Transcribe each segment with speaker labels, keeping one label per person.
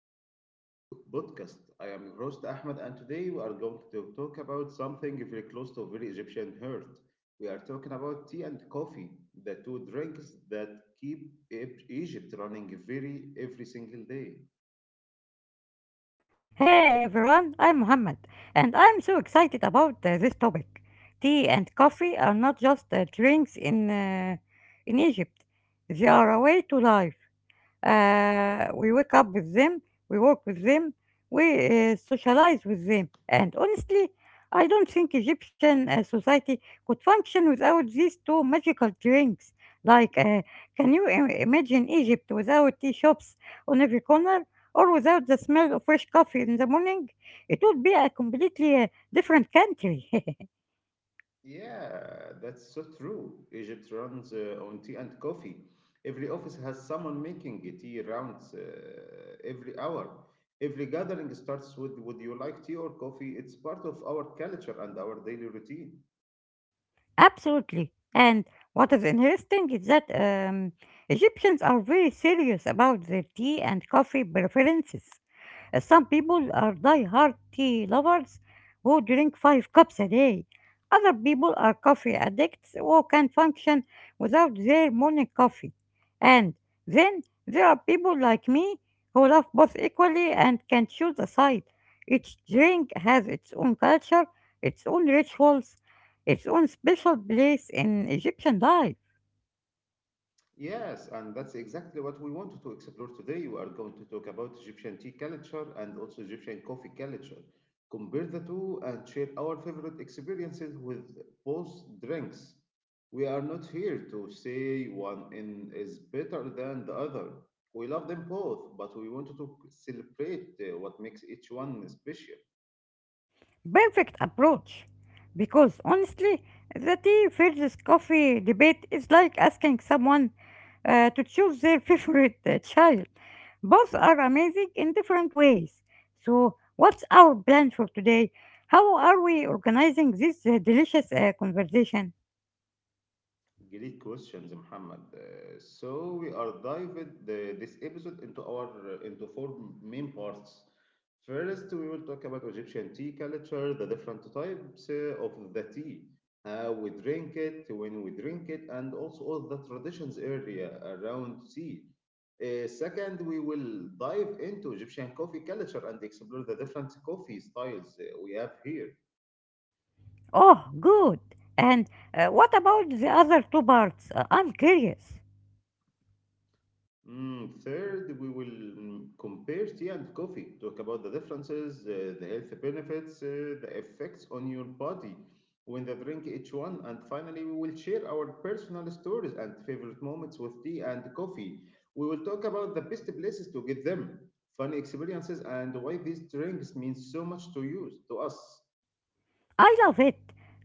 Speaker 1: the Hot Cup podcast. I am your host Ahmed, and today we are going to talk about something very close to very Egyptian heart. We are talking about tea and coffee, the two drinks that keep Egypt running very every single day.
Speaker 2: Hey everyone, I'm Mohammed, and I'm so excited about this topic. Tea and coffee are not just drinks in Egypt; they are a way to life. We wake up with them, we work with them, we socialize with them. And honestly, I don't think Egyptian society could function without these two magical drinks. Like, can you imagine Egypt without tea shops on every corner or without the smell of fresh coffee in the morning? It would be a completely different country.
Speaker 1: Yeah, that's so true. Egypt runs on tea and coffee. Every office has someone making tea rounds every hour. Every gathering starts with "Would you like tea or coffee?" It's part of our culture and our daily routine.
Speaker 2: Absolutely. And what is interesting is that Egyptians are very serious about their tea and coffee preferences. Some people are die-hard tea lovers who drink five cups a day. Other people are coffee addicts who can function without their morning coffee. And then there are people like me who love both equally and can choose a side. Each drink has its own culture, its own rituals, its own special place in Egyptian life.
Speaker 1: Yes, and that's exactly what we want to explore today. We are going to talk about Egyptian tea culture and also Egyptian coffee culture, compare the two, and share our favorite experiences with both drinks. We are not here to say one in is better than the other. We love them both, but we wanted to celebrate what makes each one special.
Speaker 2: Perfect approach. Because honestly, the tea versus coffee debate is like asking someone to choose their favorite child. Both are amazing in different ways. So, what's our plan for today? How are we organizing this delicious conversation?
Speaker 1: Great questions, Muhammad. So we are dived this episode into four main parts. First, we will talk about Egyptian tea culture, the different types of the tea, how we drink it, when we drink it, and also all the traditions area around tea. Second, we will dive into Egyptian coffee culture and explore the different coffee styles we have here.
Speaker 2: Oh, good. And what about the other two parts? I'm curious.
Speaker 1: Third, we will compare tea and coffee, talk about the differences, the health benefits, the effects on your body when they drink each one. And finally, we will share our personal stories and favorite moments with tea and coffee. We will talk about the best places to get them, funny experiences, and why these drinks mean so much to you, to us.
Speaker 2: I love it.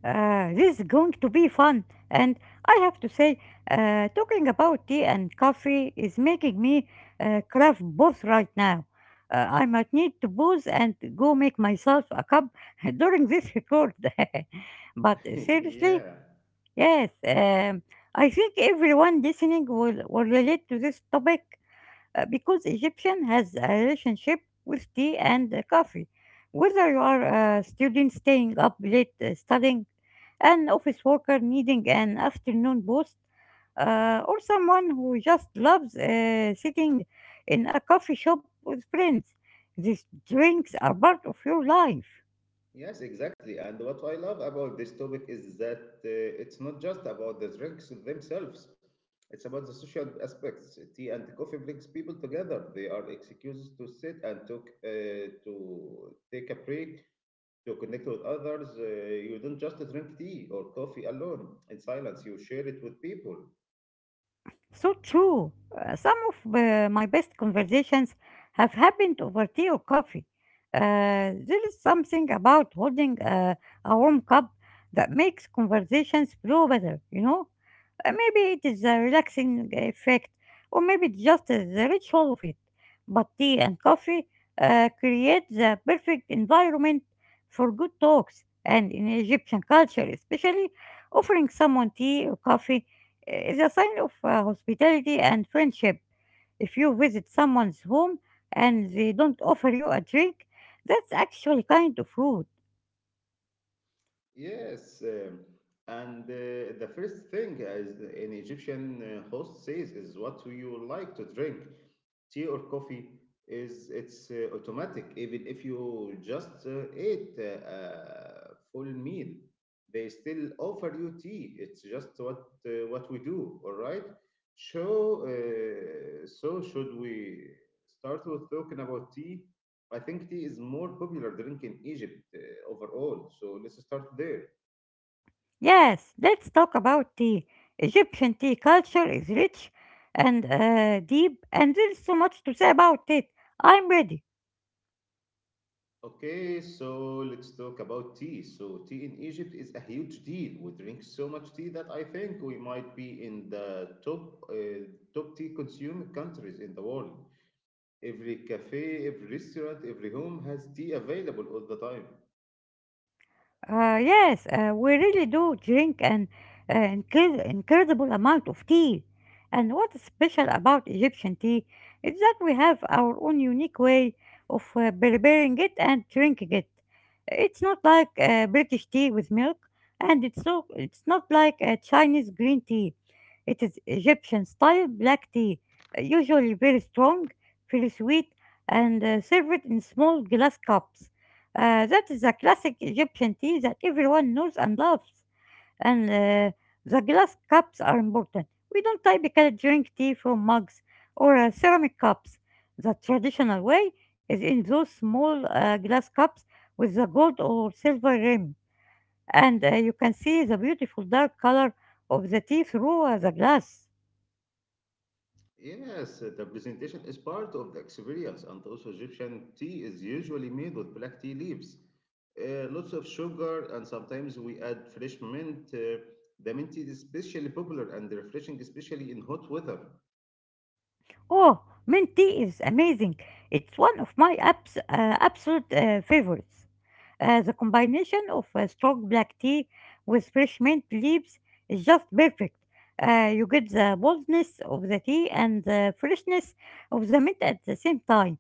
Speaker 2: This is going to be fun. And I have to say, talking about tea and coffee is making me craft both right now. I might need to booze and go make myself a cup during this record. But seriously,
Speaker 1: yeah.
Speaker 2: yes, I think everyone listening will relate to this topic because Egyptian has a relationship with tea and coffee. Whether you are a student staying up late studying, an office worker needing an afternoon boost, or someone who just loves sitting in a coffee shop with friends, these drinks are part of your life.
Speaker 1: Yes, exactly. And what I love about this topic is that it's not just about the drinks themselves, it's about the social aspects. Tea and coffee brings people together. They are excuses to sit and talk, to take a break, to connect with others. You don't just drink tea or coffee alone in silence, you share it with people.
Speaker 2: So true. Some of my best conversations have happened over tea or coffee. Uh, there is something about holding a warm cup that makes conversations flow better, you know? Maybe it is a relaxing effect, or maybe it's just the ritual of it. But tea and coffee create the perfect environment for good talks, and in Egyptian culture, especially, offering someone tea or coffee is a sign of hospitality and friendship. If you visit someone's home and they don't offer you a drink, that's actually kind of rude.
Speaker 1: Yes, and the first thing as an Egyptian host says is, "What do you like to drink? Tea or coffee?" Is it's uh, automatic. Even if you just ate a full meal, they still offer you tea. It's just what we do. All right, so so should we start with talking about tea? I think tea is more popular drink in Egypt, overall, so let's start there.
Speaker 2: Yes, let's talk about tea. Egyptian tea culture is rich and deep, and there's so much to say about it. I'm ready.
Speaker 1: Okay, so let's talk about tea. So, tea in Egypt is a huge deal. We drink so much tea that I think we might be in the top top tea consuming countries in the world. Every cafe, every restaurant, every home has tea available all the time.
Speaker 2: Yes, we really do drink an incredible amount of tea. And what's special about Egyptian tea is that we have our own unique way of preparing it and drinking it. It's not like British tea with milk, and it's not like Chinese green tea. It is Egyptian style black tea, usually very strong, very sweet, and served in small glass cups. That is a classic Egyptian tea that everyone knows and loves. And the glass cups are important. We don't typically drink tea from mugs or ceramic cups. The traditional way is in those small glass cups with the gold or silver rim. And you can see the beautiful dark color of the tea through the glass.
Speaker 1: Yes, the presentation is part of the experience, and also Egyptian tea is usually made with black tea leaves, lots of sugar, and sometimes we add fresh mint. The mint tea is especially popular and refreshing, especially in hot weather.
Speaker 2: Oh, mint tea is amazing. It's one of my absolute favorites. The combination of a strong black tea with fresh mint leaves is just perfect. You get the boldness of the tea and the freshness of the mint at the same time.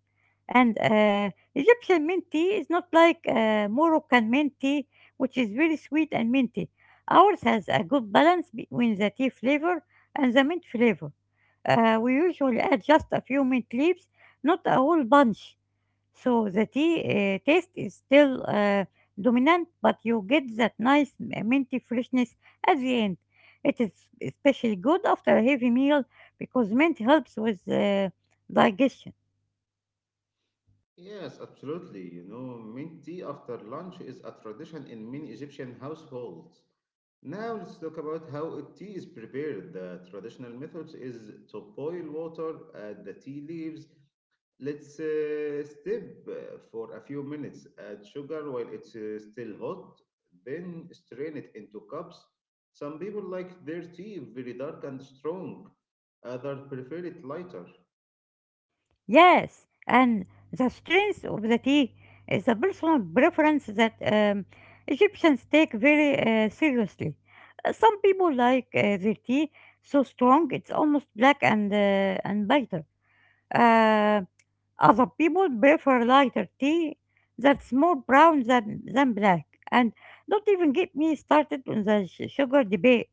Speaker 2: And Egyptian mint tea is not like Moroccan mint tea, which is very sweet and minty. Ours has a good balance between the tea flavor and the mint flavor. We usually add just a few mint leaves, not a whole bunch. So the tea taste is still dominant, but you get that nice minty freshness at the end. It is especially good after a heavy meal because mint helps with digestion.
Speaker 1: Yes, absolutely. You know, mint tea after lunch is a tradition in many Egyptian households. Now let's talk about how a tea is prepared. The traditional method is to boil water, add the tea leaves, let's step for a few minutes, add sugar while it's still hot, then strain it into cups. Some people like their tea very dark and strong, others prefer it lighter.
Speaker 2: Yes, and the strength of the tea is a personal preference that Egyptians take very seriously. Some people like their tea so strong it's almost black and bitter. Uh, Other people prefer lighter tea that's more brown than black. And don't even get me started on the sugar debate.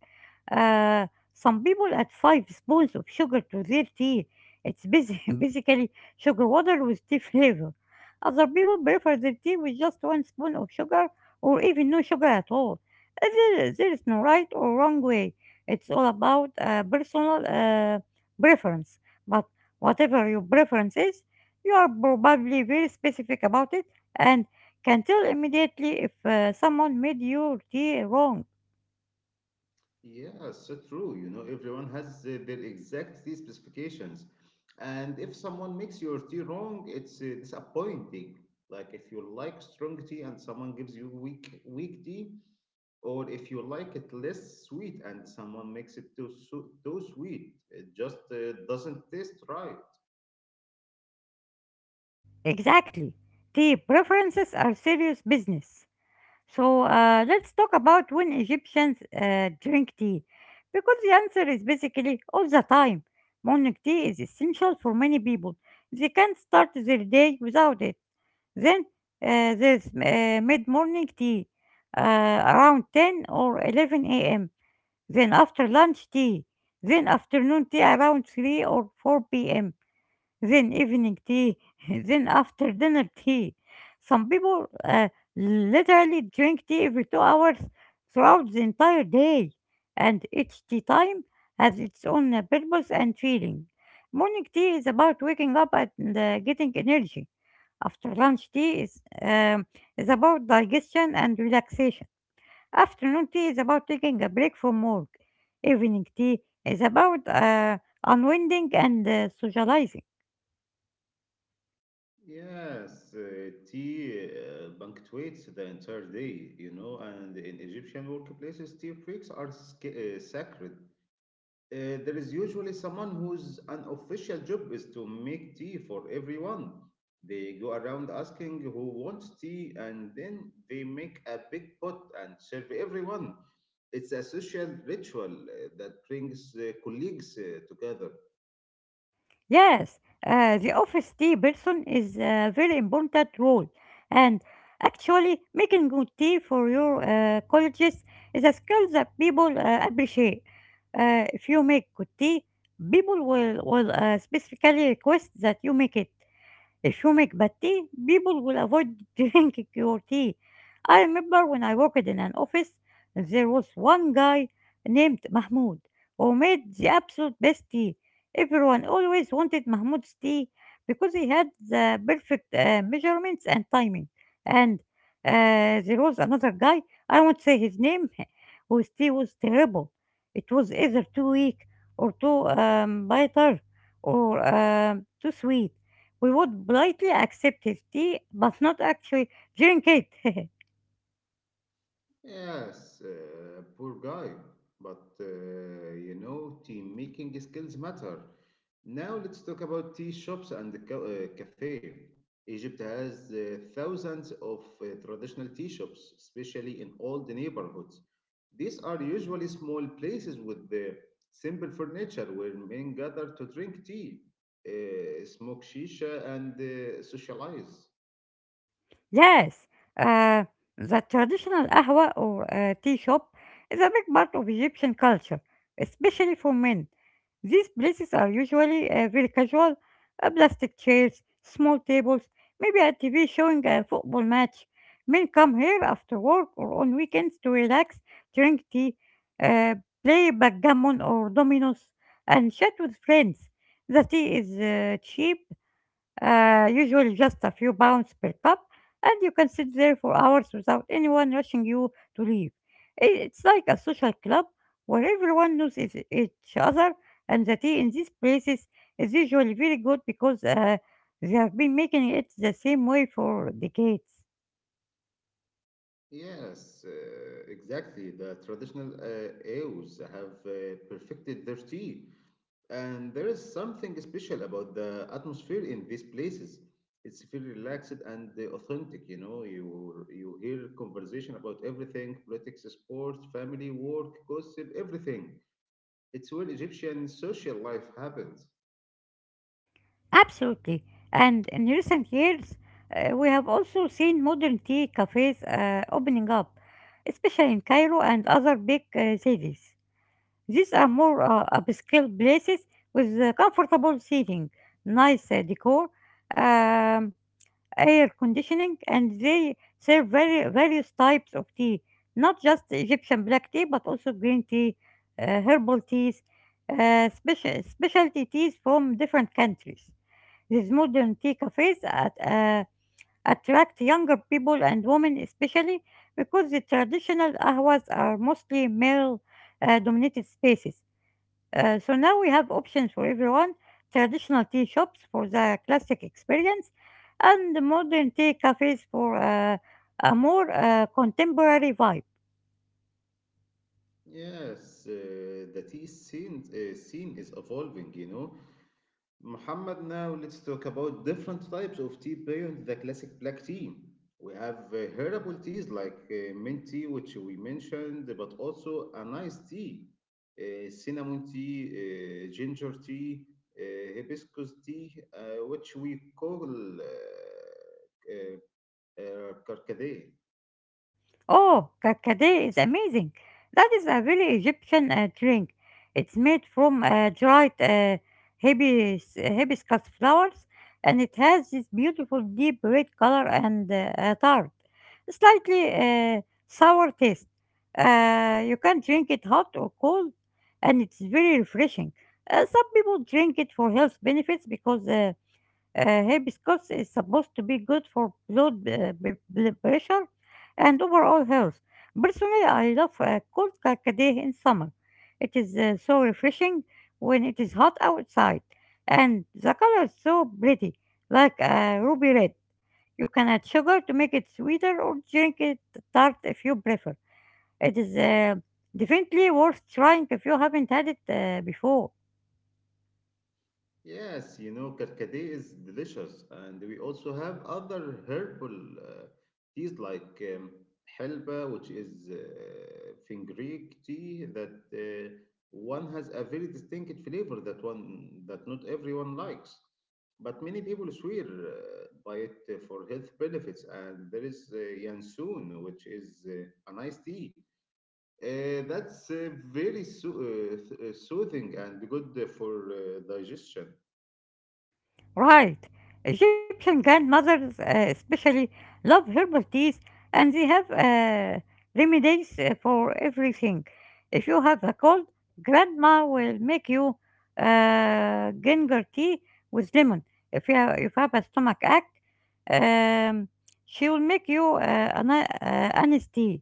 Speaker 2: Uh, some people add five spoons of sugar to their tea. It's basi- basically sugar water with tea flavor. Other people prefer their tea with just one spoon of sugar or even no sugar at all. There is no right or wrong way. It's all about personal preference. But whatever your preference is, you are probably very specific about it and can tell immediately if someone made your tea wrong.
Speaker 1: Yeah, so true. You know, everyone has their exact tea specifications. And if someone makes your tea wrong, it's disappointing. Like if you like strong tea and someone gives you weak tea, or if you like it less sweet and someone makes it too sweet, it just doesn't taste right.
Speaker 2: Exactly. Tea preferences are serious business. So let's talk about when Egyptians drink tea, because the answer is basically all the time. Morning tea is essential for many people. They can't start their day without it. Then there's mid-morning tea, around 10 or 11 a.m. Then after lunch tea. Then afternoon tea around 3 or 4 p.m., then evening tea, then after dinner tea. Some people literally drink tea every 2 hours throughout the entire day, and each tea time has its own purpose and feeling. Morning tea is about waking up and getting energy. After lunch tea is about digestion and relaxation. Afternoon tea is about taking a break from work. Evening tea is about unwinding and socializing.
Speaker 1: Yes, tea punctuates the entire day. You know, and in Egyptian workplaces, tea breaks are sacred. There is usually someone whose unofficial job is to make tea for everyone. They go around asking who wants tea and then they make a big pot and serve everyone. It's a social ritual that brings colleagues together.
Speaker 2: Yes, the office tea person is a very important role. And actually, making good tea for your colleges is a skill that people appreciate. If you make good tea, people will specifically request that you make it. Turmeric but tea, people will avoid drinking your tea. I remember when I worked in an office, there was one guy named Mahmoud who made the absolute best tea. Everyone always wanted Mahmoud's tea because he had the perfect measurements and timing. And there was another guy, I won't say his name, whose tea was terrible. It was either too weak or too bitter or too sweet. We would politely accept his tea, but not actually drink it.
Speaker 1: Yes, poor guy. But you know, team making skills matter. Now let's talk about tea shops and the cafe. Egypt has thousands of traditional tea shops, especially in old neighborhoods. These are usually small places with the simple furniture where men gather to drink tea, smoke shisha, and socialize.
Speaker 2: Yes, uh, the traditional ahwa or tea shop is a big part of Egyptian culture, especially for men. These places are usually very casual, plastic chairs, small tables, maybe a TV showing a football match. Men come here after work or on weekends to relax, drink tea, uh, play backgammon or dominoes, and chat with friends. The tea is cheap, usually just a few pounds per cup, and you can sit there for hours without anyone rushing you to leave. It's like a social club where everyone knows each other, and the tea in these places is usually very good because they have been making it the same way for decades.
Speaker 1: Yes, exactly. The traditional AOs have perfected their tea, and there is something special about the atmosphere in these places. It's feel relaxed and authentic. You know, you hear conversation about everything: politics, sports, family, work, gossip, everything. It's where Egyptian social life happens.
Speaker 2: Absolutely. And in recent years, we have also seen modern tea cafes opening up, especially in Cairo and other big cities. These are more upscale places with comfortable seating, nice decor, um, air conditioning, and they serve very various types of tea, not just Egyptian black tea, but also green tea, herbal teas, specialty teas from different countries. These modern tea cafes attract younger people and women especially because the traditional ahwas are mostly male dominated spaces, so now we have options for everyone, traditional tea shops for the classic experience and modern tea cafes for a more contemporary vibe.
Speaker 1: Yes, the tea scene is evolving. You know, Muhammad, now let's talk about different types of tea beyond the classic black tea. We have herbal teas like mint tea, which we mentioned, but also a nice tea, cinnamon tea, ginger tea, hibiscus tea, which we call karkade.
Speaker 2: Oh, kakade is amazing. That is a really Egyptian drink. It's made from dried hibiscus flowers and it has this beautiful deep red color and a tart, slightly sour taste. You can drink it hot or cold and it's very refreshing. Some people drink it for health benefits because hibiscus is supposed to be good for blood blood pressure and overall health. Personally, I love cold carcade in summer. It is so refreshing when it is hot outside, and the color is so pretty, like ruby red. You can add sugar to make it sweeter or drink it tart if you prefer. It is definitely worth trying if you haven't had it before.
Speaker 1: Yes, you know, karkade is delicious, and we also have other herbal teas like helba, which is fenugreek tea that one has a very distinct flavor that one that not everyone likes, but many people swear by it for health benefits. And there is yansun, which is an iced tea. That's very soothing and good for digestion.
Speaker 2: Right. Egyptian grandmothers especially love herbal teas and they have remedies for everything. If you have a cold, grandma will make you ginger tea with lemon. If you have a stomach ache, um, she will make you an anise tea.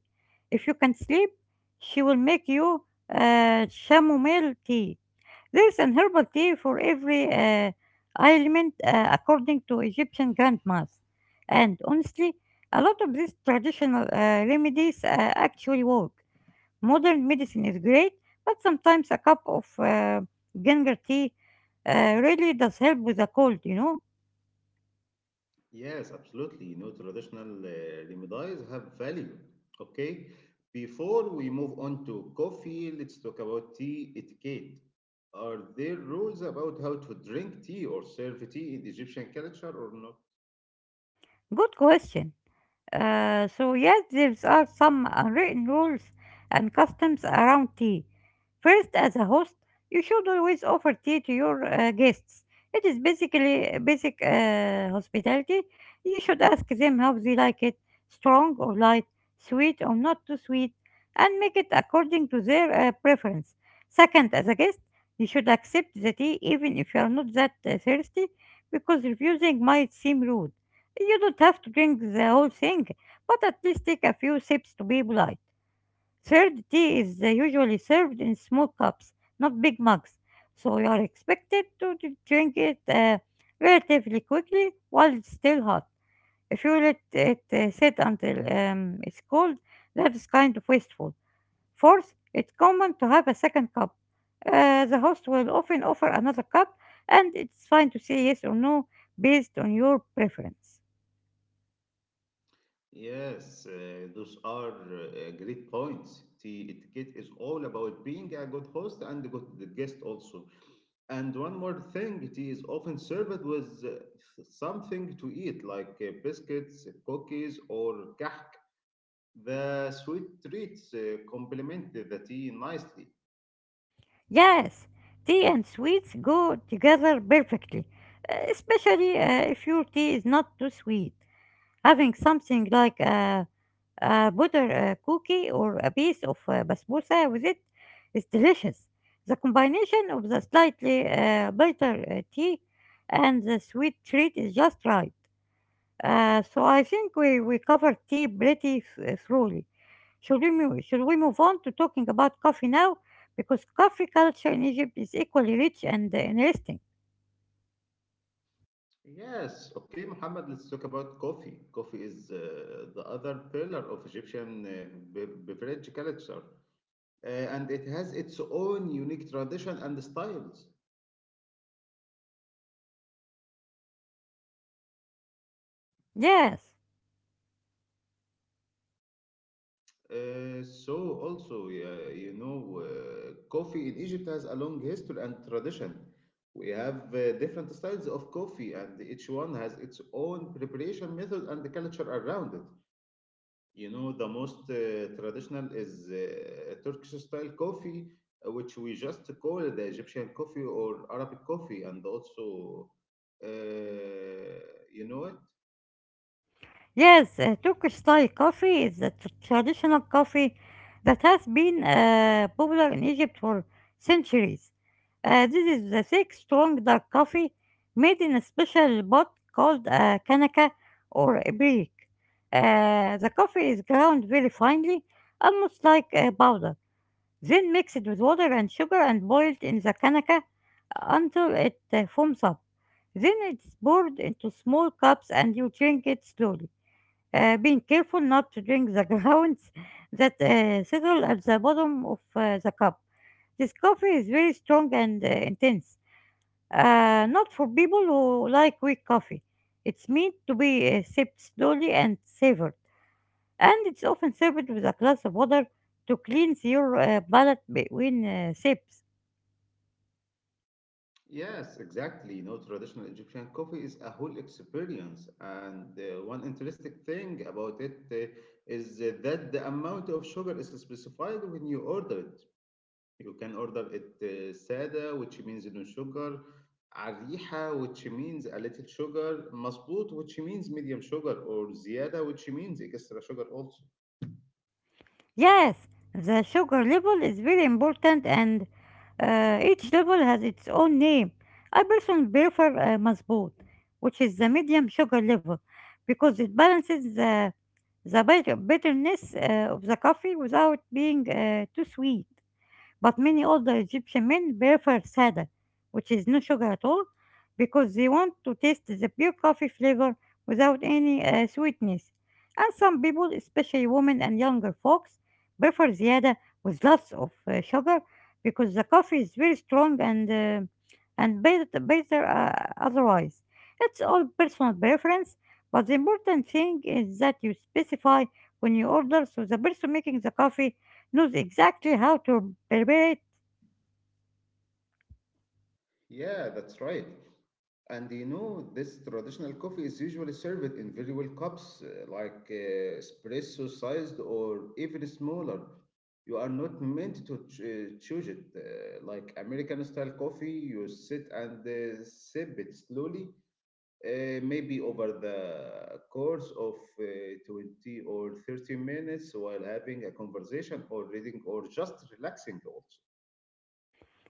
Speaker 2: If you can sleep, she will make you chamomile tea. There is an herbal tea for every ailment according to Egyptian grandmas. And honestly, a lot of these traditional remedies actually work. Modern medicine is great, but sometimes a cup of ginger tea really does help with a cold,
Speaker 1: Yes, absolutely. You know, traditional remedies have value. Okay. Before we move on to coffee, let's talk about tea etiquette. Are there rules about how to drink tea or serve tea in Egyptian culture or not?
Speaker 2: Good question. So yes, there are some unwritten rules and customs around tea. First, as a host, you should always offer tea to your guests. It is basically basic hospitality. You should ask them how they like it, strong or light, sweet or not too sweet, and make it according to their preference. Second, as a guest, you should accept the tea even if you are not that thirsty, because refusing might seem rude. You don't have to drink the whole thing, but at least take a few sips to be polite. Third, tea is usually served in small cups, not big mugs, so you are expected to drink it relatively quickly while it's still hot. If you let it sit until it's cold, that is kind of wasteful. Fourth, it's common to have a second cup. The host will often offer another cup, and it's fine to say yes or no based on your preference.
Speaker 1: Yes, those are great points. Tea etiquette is all about being a good host and a good guest also. And one more thing, tea is often served with something to eat, like biscuits, cookies, or kahk. The sweet treats complement the tea nicely.
Speaker 2: Yes, tea and sweets go together perfectly, especially if your tea is not too sweet. Having something like a butter cookie or a piece of basbousa with it is delicious. The combination of the slightly bitter tea and the sweet treat is just right. So I think we covered tea pretty thoroughly. Should we move on to talking about coffee now? Because coffee culture in Egypt is equally rich and interesting.
Speaker 1: Yes, okay, Muhammad, let's talk about coffee. Coffee is the other pillar of Egyptian beverage culture, and it has its own unique tradition and styles.
Speaker 2: Yes.
Speaker 1: Uh, so also, you know, coffee in Egypt has a long history and tradition. We have different styles of coffee, and each one has its own preparation method and the culture around it. You know, the most traditional is Turkish style coffee, which we just call the Egyptian coffee or Arabic coffee, and also, uh, you know it.
Speaker 2: Yes, Turkish style coffee is a traditional coffee that has been popular in Egypt for centuries. This is the thick, strong dark coffee made in a special pot called a kanaka or a brick. The coffee is ground very finely, almost like a powder, then mixed with water and sugar and boiled in the kanaka until it foams up. Then it's poured into small cups and you drink it slowly being careful not to drink the grounds that settle at the bottom of the cup. This coffee is very strong and intense, not for people who like weak coffee. It's meant to be sipped slowly and savored, and it's often served with a glass of water to cleanse your palate between sips.
Speaker 1: Yes, exactly. You know, traditional Egyptian coffee is a whole experience, and one interesting thing about it is that the amount of sugar is specified when you order it. You can order it sada, which means no sugar, ariha, which means a little sugar, masbut, which means medium sugar, or ziyada, which means extra sugar also.
Speaker 2: Yes, the sugar level is very important and each level has its own name. I personally prefer mazboot, which is the medium sugar level, because it balances the bitterness of the coffee without being too sweet. But many older Egyptian men prefer Sada, which is no sugar at all, because they want to taste the pure coffee flavor without any sweetness. And some people, especially women and younger folks, prefer Ziada with lots of sugar because the coffee is very strong and better otherwise. It's all personal preference, but the important thing is that you specify when you order so the person making the coffee knows exactly how to permeate.
Speaker 1: Yeah, that's right. And you know, this traditional coffee is usually served in very well cups, like espresso sized or even smaller. You are not meant to choose it. Like American style coffee, you sit and sip it slowly, maybe over the course of 20 or 30 minutes while having a conversation or reading or just relaxing also.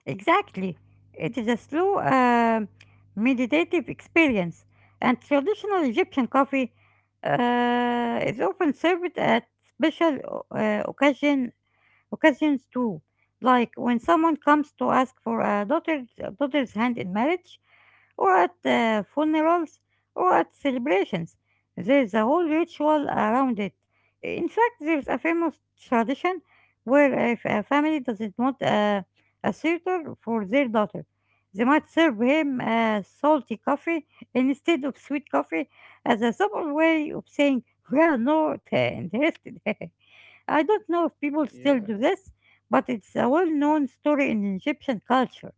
Speaker 2: Exactly. It is a slow, meditative experience, and traditional Egyptian coffee is often served at special uh, occasion Occasions too, like when someone comes to ask for a daughter's hand in marriage, or at funerals, or at celebrations. There's a whole ritual around it. In fact, there's a famous tradition where if a family doesn't want a suitor for their daughter, they might serve him salty coffee instead of sweet coffee as a subtle way of saying, we are not interested. I don't know if people still
Speaker 1: Yeah.
Speaker 2: do this, but it's a well known story in Egyptian culture.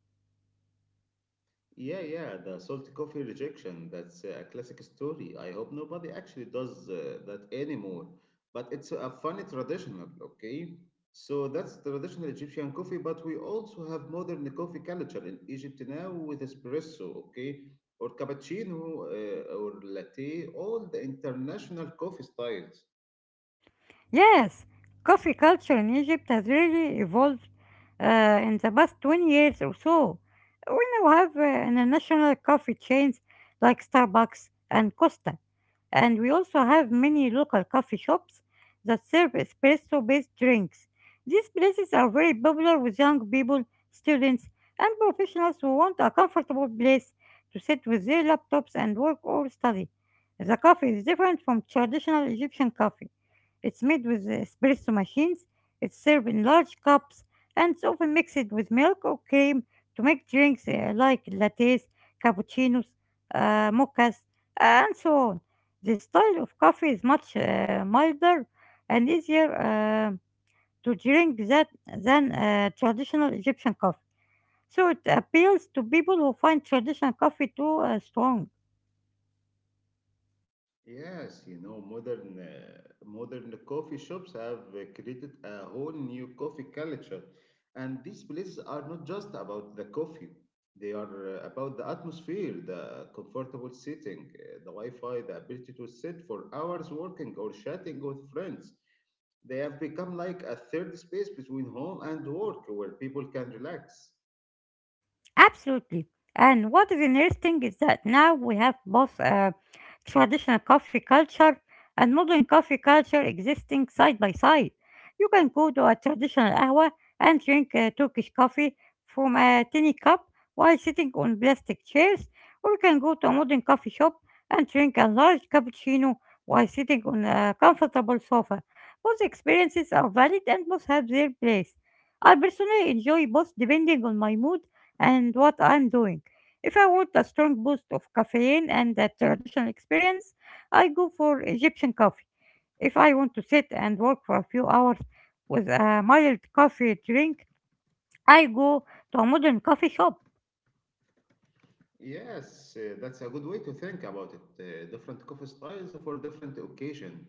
Speaker 1: Yeah, yeah, the salty coffee rejection. That's a classic story. I hope nobody actually does that anymore. But it's a funny traditional, okay? So that's traditional Egyptian coffee, but we also have modern coffee culture in Egypt now with espresso, okay? Or cappuccino or latte, all the international coffee styles.
Speaker 2: Yes, coffee culture in Egypt has really evolved in the past 20 years or so. We now have international coffee chains like Starbucks and Costa, and we also have many local coffee shops that serve espresso based drinks. These places are very popular with young people, students, and professionals who want a comfortable place to sit with their laptops and work or study. The coffee is different from traditional Egyptian coffee. It's made with espresso machines, it's served in large cups, and it's often mixed with milk or cream to make drinks like lattes, cappuccinos, mochas, and so on. The style of coffee is much milder and easier to drink than traditional Egyptian coffee. So it appeals to people who find traditional coffee too strong.
Speaker 1: Yes, you know, modern coffee shops have created a whole new coffee culture, and these places are not just about the coffee. They are about the atmosphere, the comfortable sitting, the Wi-Fi, the ability to sit for hours working or chatting with friends. They have become like a third space between home and work where people can relax.
Speaker 2: Absolutely. And what is interesting is that now we have both traditional coffee culture and modern coffee culture existing side by side. You can go to a traditional hour and drink Turkish coffee from a tiny cup while sitting on plastic chairs, or you can go to a modern coffee shop and drink a large cappuccino while sitting on a comfortable sofa. Both experiences are valid and both have their place. I personally enjoy both depending on my mood and what I'm doing. If I want a strong boost of caffeine and a traditional experience, I go for Egyptian coffee. If I want to sit and work for a few hours with a mild coffee drink, I go to a modern coffee shop.
Speaker 1: Yes, that's a good way to think about it. Different coffee styles for different occasion.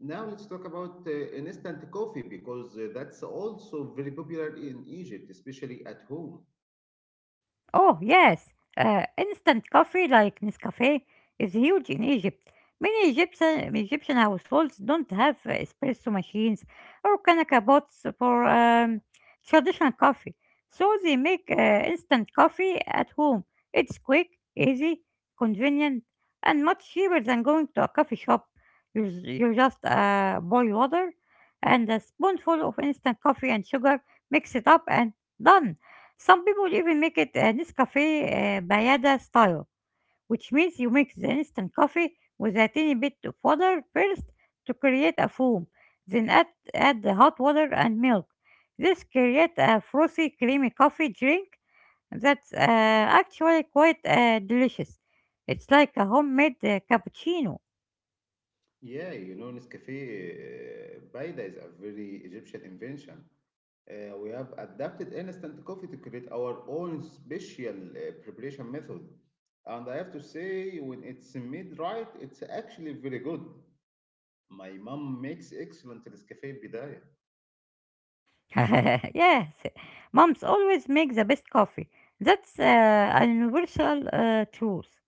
Speaker 1: Now let's talk about instant coffee because that's also very popular in Egypt, especially at home.
Speaker 2: Oh, yes. Instant coffee like Nescafe is huge in Egypt. Many Egyptian households don't have espresso machines or kanaka pots for traditional coffee. So they make instant coffee at home. It's quick, easy, convenient, and much cheaper than going to a coffee shop. You just boil water and a spoonful of instant coffee and sugar, mix it up, and done. Some people even make it a Nescafe Bayada style, which means you mix the instant coffee with a tiny bit of water first to create a foam, then add the hot water and milk. This creates a frothy, creamy coffee drink that's actually quite delicious. It's like a homemade cappuccino.
Speaker 1: Yeah, you know, Nescafe Baida is a very Egyptian invention. We have adapted instant coffee to create our own special preparation method. And I have to say, when it's made right, it's actually very good. My mom makes excellent Nescafe Bidaya.
Speaker 2: Yes, moms always make the best coffee. That's a universal truth.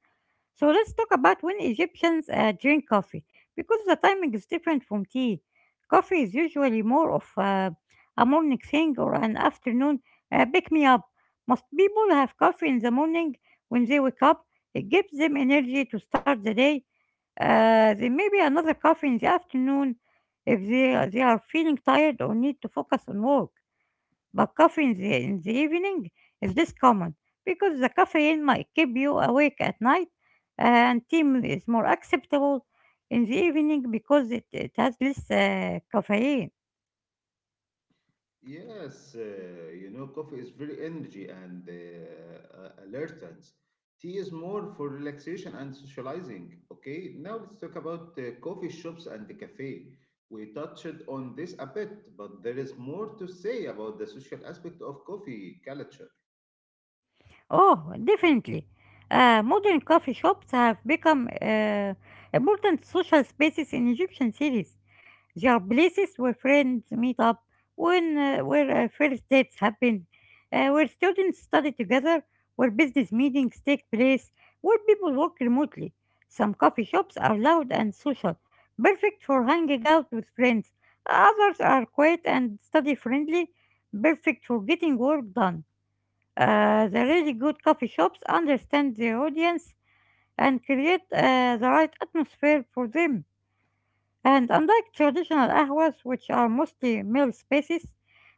Speaker 2: So let's talk about when Egyptians drink coffee because the timing is different from tea. Coffee is usually more of a morning thing or an afternoon pick me up. Most people have coffee in the morning when they wake up. It gives them energy to start the day. Then maybe another coffee in the afternoon if they are feeling tired or need to focus on work. But coffee in the evening is less common because the caffeine might keep you awake at night, and tea is more acceptable in the evening because it has less caffeine.
Speaker 1: Yes, you know, coffee is very energy and alertance. Tea is more for relaxation and socializing. Okay, now let's talk about coffee shops and the cafe. We touched on this a bit, but there is more to say about the social aspect of coffee culture.
Speaker 2: Oh, definitely. Modern coffee shops have become important social spaces in Egyptian cities. There are places where friends meet up, where first dates happen, where students study together, where business meetings take place, where people work remotely. Some coffee shops are loud and social, perfect for hanging out with friends. Others are quiet and study friendly, perfect for getting work done. The really good coffee shops understand their audience and create the right atmosphere for them. And unlike traditional ahwas, which are mostly male spaces,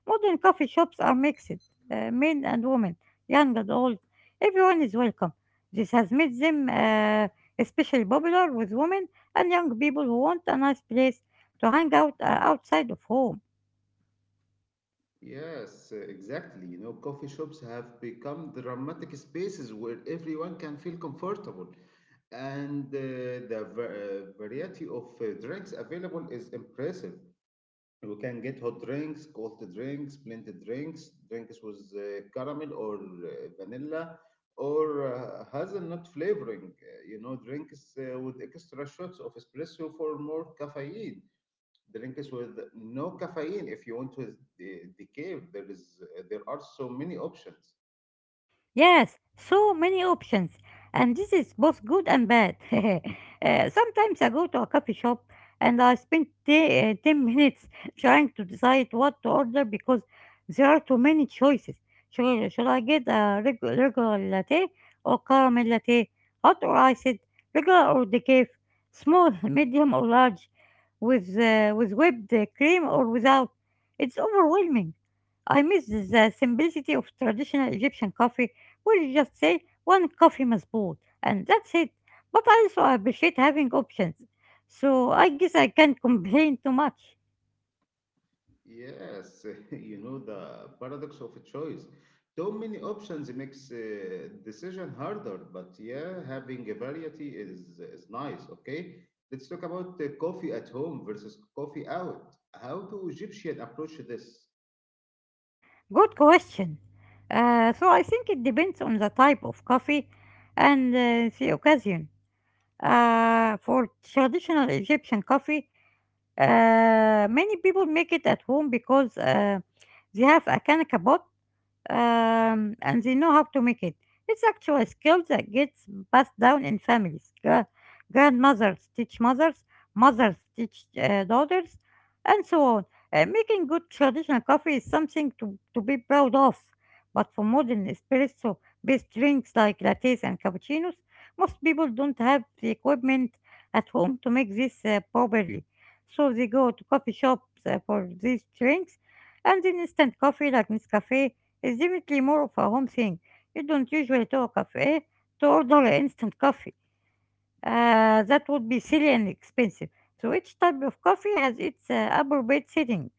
Speaker 2: modern coffee shops are mixed, men and women, young and old. Everyone is welcome. This has made them especially popular with women and young people who want a nice place to hang out outside of home.
Speaker 1: Yes, exactly. You know, coffee shops have become dramatic spaces where everyone can feel comfortable, and variety of drinks available is impressive. You can get hot drinks, cold drinks, blended drinks, drinks with caramel or vanilla or hazelnut flavoring. Drinks with extra shots of espresso for more caffeine, drinks with no caffeine if you want to decaf. There is there are so many options.
Speaker 2: Yes, so many options, and this is both good and bad. Sometimes I go to a coffee shop and I spend 10 minutes trying to decide what to order because there are too many choices. Should I get a regular latte or caramel latte, hot or iced, regular or decaf, small, medium or large, with whipped cream or without? It's overwhelming. I miss the simplicity of traditional Egyptian coffee we'll just say one coffee masbud and that's it. But I also appreciate having options, so I guess I can't complain too much.
Speaker 1: Yes, you know, the paradox of a choice. Too many options makes decision harder, but yeah, having a variety is nice. Okay, let's talk about coffee at home versus coffee out. How do egyptian approach this?
Speaker 2: Good question. So I think it depends on the type of coffee and the occasion. For traditional Egyptian coffee, many people make it at home because they have a Kanaka pot and they know how to make it. It's actually a skill that gets passed down in families. Grandmothers teach mothers, mothers teach daughters, and so on. Making good traditional coffee is something to be proud of. But for modern espresso based drinks like lattes and cappuccinos, most people don't have the equipment at home to make this properly. So they go to coffee shops for these drinks, and then instant coffee like Nescafe is definitely more of a home thing. You don't usually to a cafe to order instant coffee. That would be silly and expensive. So each type of coffee has its appropriate setting.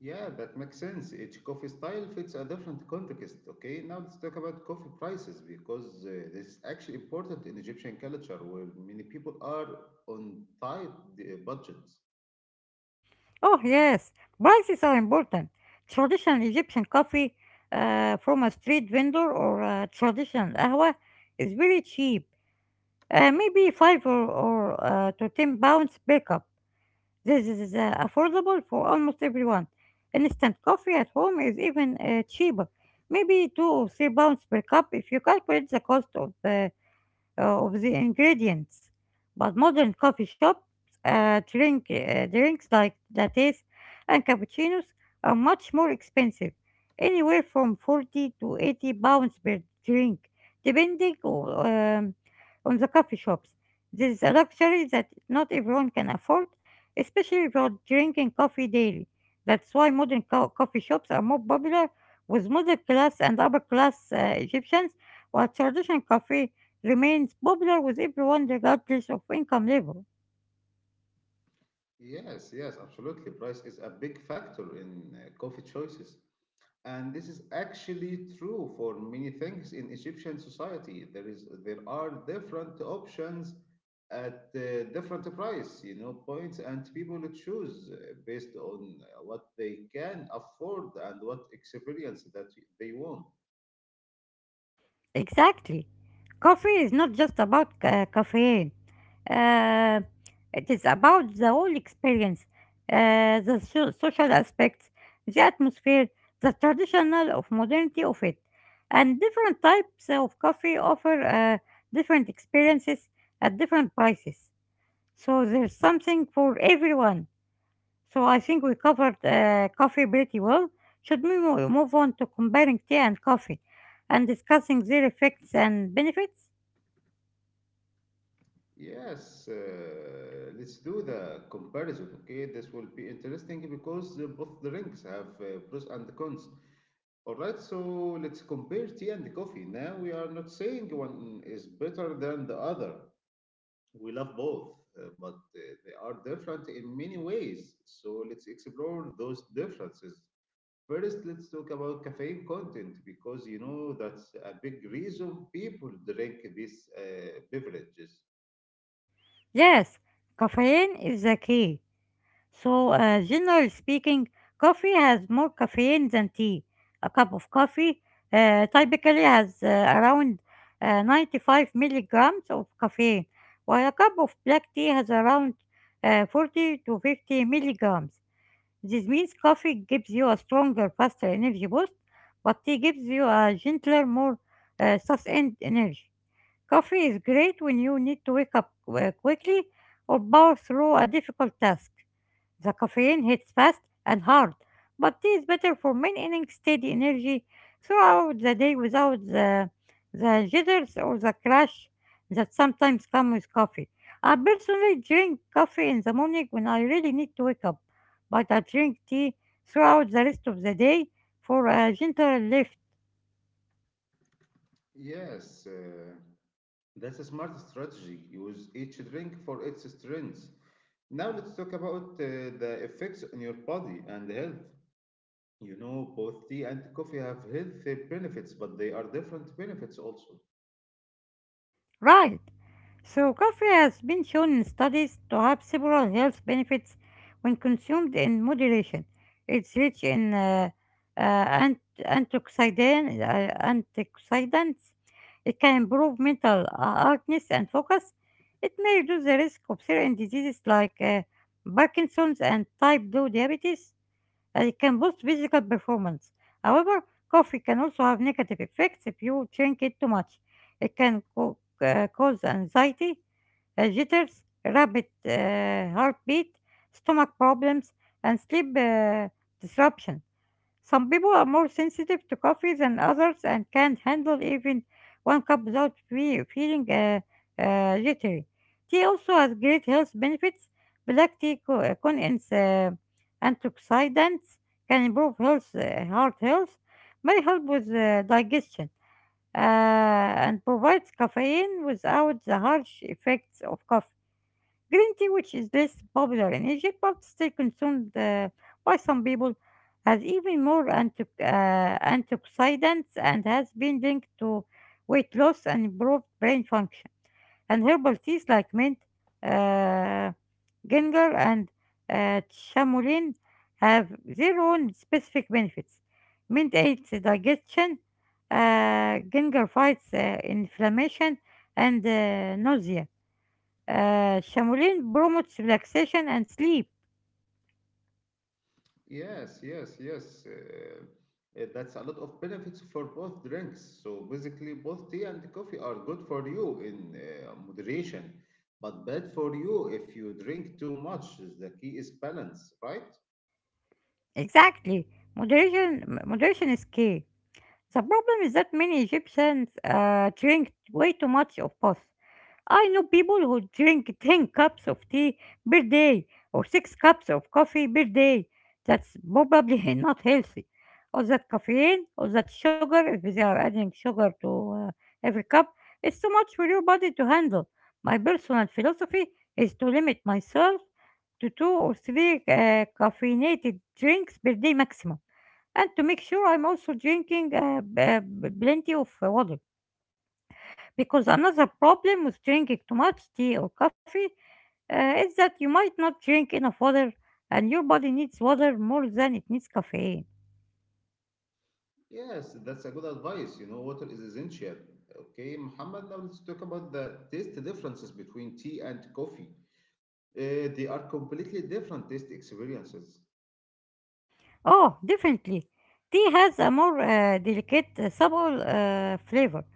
Speaker 1: Yeah, that makes sense. Each coffee style fits a different context. Okay, now let's talk about coffee prices, because this is actually important in Egyptian culture, where many people are on tight budgets.
Speaker 2: Oh yes, prices are important. Traditional Egyptian coffee from a street vendor or a traditional ahwa is very cheap. Maybe five or to 10 pounds per cup. This is affordable for almost everyone. Instant coffee at home is even cheaper, maybe 2 or 3 pounds per cup if you calculate the cost of the ingredients. But modern coffee shops drinks like lattes and cappuccinos are much more expensive, anywhere from 40 to 80 pounds per drink, depending on the coffee shops. This is a luxury that not everyone can afford, especially if you're drinking coffee daily. That's why modern coffee shops are more popular with middle class and upper class Egyptians, while traditional coffee remains popular with everyone regardless of income level.
Speaker 1: Yes, yes, absolutely. Price is a big factor in coffee choices. And this is actually true for many things in Egyptian society. There are different options at different price, you know, points, and people choose based on what they can afford and what experience that they want.
Speaker 2: Exactly. Coffee is not just about caffeine. Uh, it is about the whole experience, the social aspects, the atmosphere, the traditional of modernity of it. And different types of coffee offer different experiences at different prices. So there's something for everyone. So I think we covered coffee pretty well. Should we move on to comparing tea and coffee and discussing their effects and benefits?
Speaker 1: Yes, let's do the comparison. Okay, this will be interesting because both the rings have pros and cons. All right, so let's compare tea and coffee. Now, we are not saying one is better than the other. We love both, but they are different in many ways. So let's explore those differences. First, let's talk about caffeine content, because you know that's a big reason people drink these beverages.
Speaker 2: Yes, caffeine is the key. So, generally speaking, coffee has more caffeine than tea. A cup of coffee typically has around 95 milligrams of caffeine, while a cup of black tea has around 40 to 50 milligrams. This means coffee gives you a stronger, faster energy boost, but tea gives you a gentler, more sustained energy. Coffee is great when you need to wake up quickly or power through a difficult task. The caffeine hits fast and hard, but tea is better for maintaining steady energy throughout the day without the jitters or the crash that sometimes come with coffee. I personally drink coffee in the morning when I really need to wake up, but I drink tea throughout the rest of the day for a gentle lift.
Speaker 1: Yes, that's a smart strategy. Use each drink for its strengths. Now let's talk about the effects on your body and health. You know, both tea and coffee have health benefits, but they are different benefits also.
Speaker 2: Right. So, coffee has been shown in studies to have several health benefits when consumed in moderation. It's rich in uh, ant- antioxidant, antioxidants. It can improve mental alertness and focus. It may reduce the risk of certain diseases like Parkinson's and type 2 diabetes, and it can boost physical performance. However, coffee can also have negative effects if you drink it too much. It can cause anxiety, jitters, rapid heartbeat, stomach problems, and sleep disruption. Some people are more sensitive to coffee than others and can't handle even one cup without feeling jittery. Tea also has great health benefits. Black tea contains antioxidants, can improve heart health, may help with digestion, and provides caffeine without the harsh effects of coffee. Green tea, which is less popular in Egypt but still consumed by some people, has even more antioxidants and has been linked to weight loss and improved brain function. And herbal teas like mint, uh, ginger, and chamomile have their own specific benefits. Mint aids digestion, ginger fights inflammation and nausea, Shaolin promotes relaxation and sleep.
Speaker 1: Yes, yes, yes. That's a lot of benefits for both drinks. So basically, both tea and coffee are good for you in moderation, but bad for you if you drink too much. The key is balance, right?
Speaker 2: Exactly. Moderation is key. The problem is that many Egyptians drink way too much of both. I know people who drink 10 cups of tea per day or 6 cups of coffee per day. That's probably not healthy. All that caffeine, all that sugar, if they are adding sugar to every cup, it's too much for your body to handle. My personal philosophy is to limit myself to two or three caffeinated drinks per day maximum, and to make sure I'm also drinking plenty of water. Because another problem with drinking too much tea or coffee is that you might not drink enough water, and your body needs water more than it needs caffeine.
Speaker 1: Yes, that's a good advice. You know, water is essential. Okay, Muhammad, now let's talk about the taste differences between tea and coffee. They are completely different taste experiences.
Speaker 2: Oh, definitely. Tea has a more delicate, subtle flavor.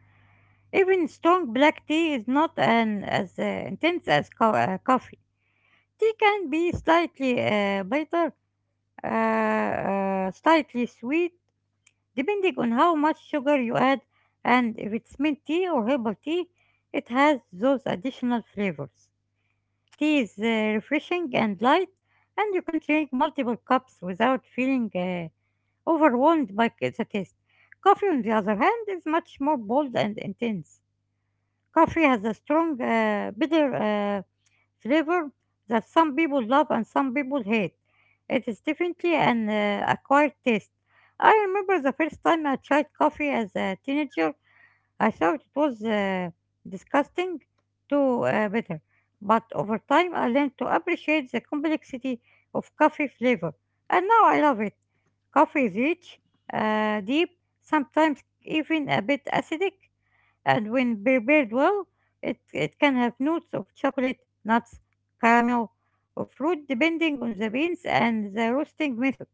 Speaker 2: Even strong black tea is not an, as intense as coffee. Tea can be slightly bitter, slightly sweet, depending on how much sugar you add, and if it's mint tea or herbal tea, it has those additional flavors. Tea is refreshing and light, and you can drink multiple cups without feeling overwhelmed by the taste. Coffee, on the other hand, is much more bold and intense. Coffee has a strong, bitter flavor that some people love and some people hate. It is definitely an acquired taste. I remember the first time I tried coffee as a teenager. I thought it was disgusting, to bitter, but over time I learned to appreciate the complexity of coffee flavor, and now I love it. Coffee is rich, deep, sometimes even a bit acidic, and when prepared well, it can have notes of chocolate, nuts, caramel, or fruit depending on the beans and the roasting method.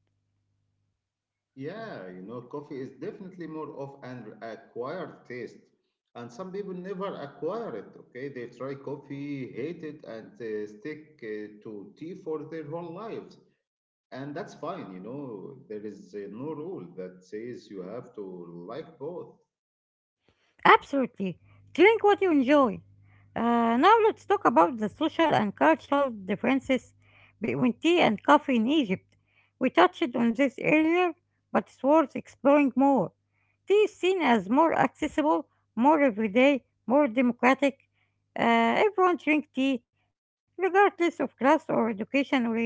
Speaker 1: Yeah, you know, coffee is definitely more of an acquired taste. And some people never acquire it, okay? They try coffee, hate it, and stick to tea for their whole lives. And that's fine, you know, there is no rule that says you have to like both.
Speaker 2: Absolutely. Drink what you enjoy. Now let's talk about the social and cultural differences between tea and coffee in Egypt. We touched on this earlier, but it's worth exploring more. Tea is seen as more accessible, more everyday, more democratic. Everyone drinks tea, regardless of class or education or age.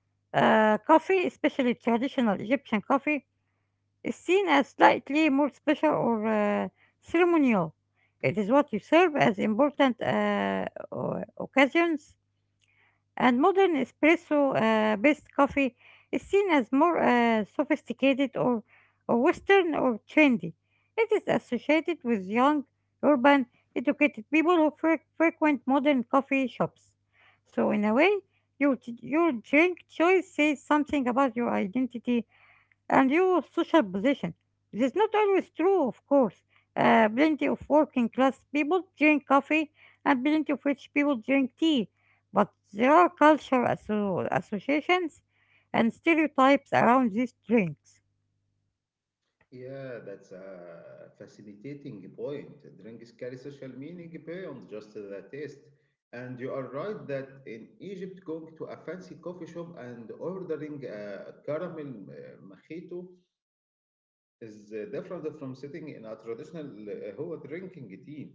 Speaker 2: Coffee, especially traditional Egyptian coffee, is seen as slightly more special or ceremonial. It is what you serve as important occasions, and modern espresso-based coffee is seen as more sophisticated or Western or trendy. It is associated with young, urban, educated people who frequent modern coffee shops. So, in a way, your, your drink choice says something about your identity and your social position. This is not always true, of course. Plenty of working class people drink coffee, and plenty of rich people drink tea. But there are cultural associations and stereotypes around these drinks.
Speaker 1: Yeah, that's a fascinating point. Drinks carry social meaning beyond just the taste. And you are right that in Egypt, going to a fancy coffee shop and ordering a caramel mojito is different from sitting in a traditional Hua drinking tea.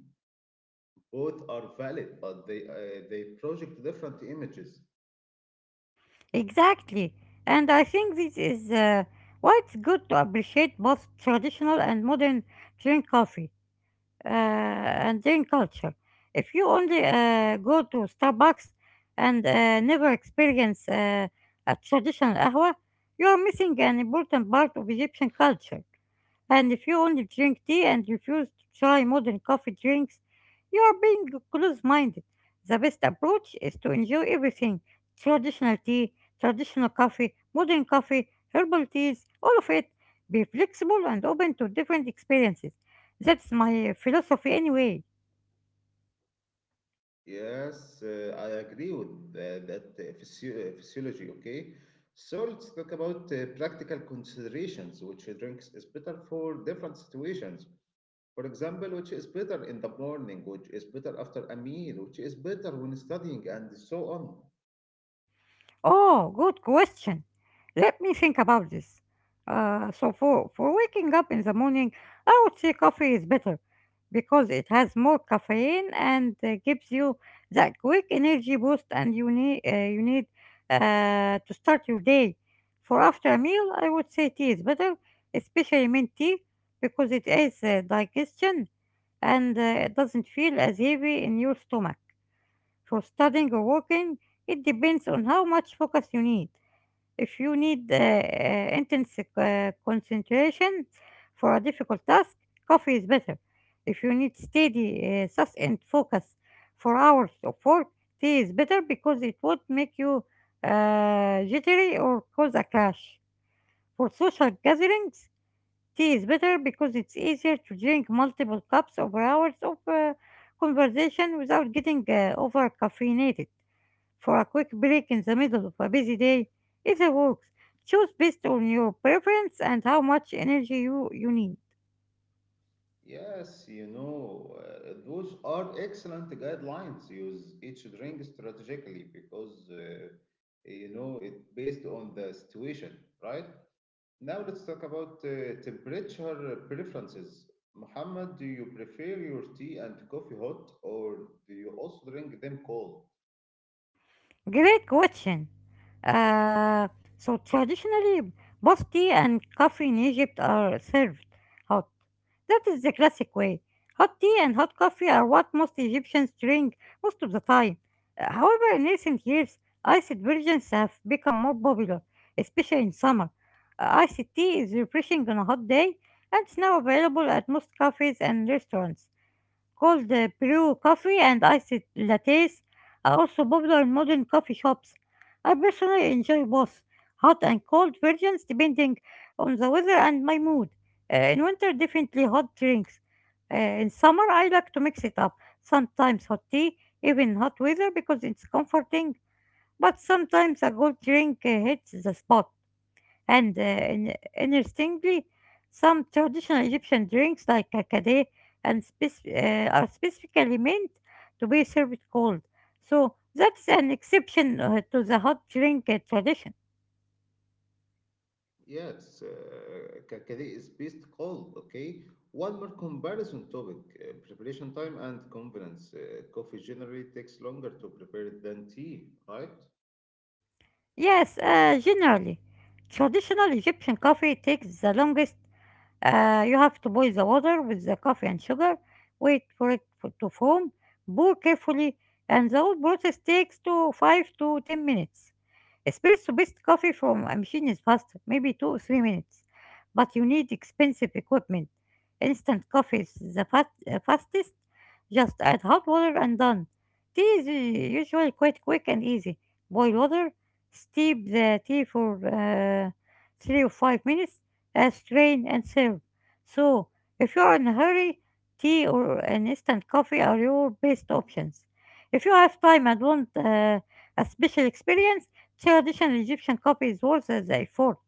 Speaker 1: Both are valid, but they project different images.
Speaker 2: Exactly, and I think this is why it's good to appreciate both traditional and modern drink coffee and drink culture. If you only go to Starbucks and never experience a traditional قهوة, you are missing an important part of Egyptian culture. And if you only drink tea and refuse to try modern coffee drinks, you are being close minded. The best approach is to enjoy everything: traditional tea, traditional coffee, modern coffee, herbal teas, all of it. Be flexible and open to different experiences. That's my philosophy anyway.
Speaker 1: Yes, I agree with that physiology. Okay, so let's talk about practical considerations: which drinks is better for different situations. For example, which is better in the morning, which is better after a meal, which is better when studying, and so on.
Speaker 2: Oh, good question. Let me think about this. So for waking up in the morning, I would say coffee is better because it has more caffeine and gives you that quick energy boost, and you need to start your day. For after a meal, I would say tea is better, especially mint tea, because it aids digestion and it doesn't feel as heavy in your stomach. For studying or working, it depends on how much focus you need. If you need intense concentration for a difficult task, coffee is better. If you need steady, sustained focus for hours of work, tea is better because it won't make you jittery or cause a crash. For social gatherings, tea is better because it's easier to drink multiple cups over hours of conversation without getting over caffeinated. For a quick break in the middle of a busy day, either works. Choose based on your preference and how much energy you need.
Speaker 1: Yes, you know, those are excellent guidelines. Use each drink strategically, because you know it based on the situation, right? Now let's talk about temperature preferences. Muhammad, do you prefer your tea and coffee hot, or do you also drink them cold?
Speaker 2: Great question. Uh, so traditionally, both tea and coffee in Egypt are served hot. That is the classic way. Hot tea and hot coffee are what most Egyptians drink most of the time. However, in recent years, iced versions have become more popular, especially in summer. Iced tea is refreshing on a hot day, and it's now available at most cafes and restaurants. Cold brew coffee and iced lattes are also popular in modern coffee shops. I personally enjoy both hot and cold versions depending on the weather and my mood. In winter, definitely hot drinks. In summer, I like to mix it up. Sometimes hot tea, even hot weather because it's comforting, but sometimes a cold drink hits the spot. Interestingly, some traditional Egyptian drinks like kakade and are specifically meant to be served cold. So that's an exception to the hot drink tradition.
Speaker 1: Yes, it's kakadi is best cold, okay? One more comparison topic, preparation time and convenience. Coffee generally takes longer to prepare than tea, right?
Speaker 2: Yes, generally, traditional Egyptian coffee takes the longest. You have to boil the water with the coffee and sugar, wait for it to foam, pour carefully, and the whole process takes to 5 to 10 minutes. Espresso based coffee from a machine is faster, maybe 2 or 3 minutes, but you need expensive equipment. Instant coffee is the fastest, just add hot water and done. Tea is usually quite quick and easy. Boil water, steep the tea for 3 or 5 minutes, strain and serve. So, if you are in a hurry, tea or an instant coffee are your best options. If you have time and want a special experience, traditional Egyptian copies worse as I thought.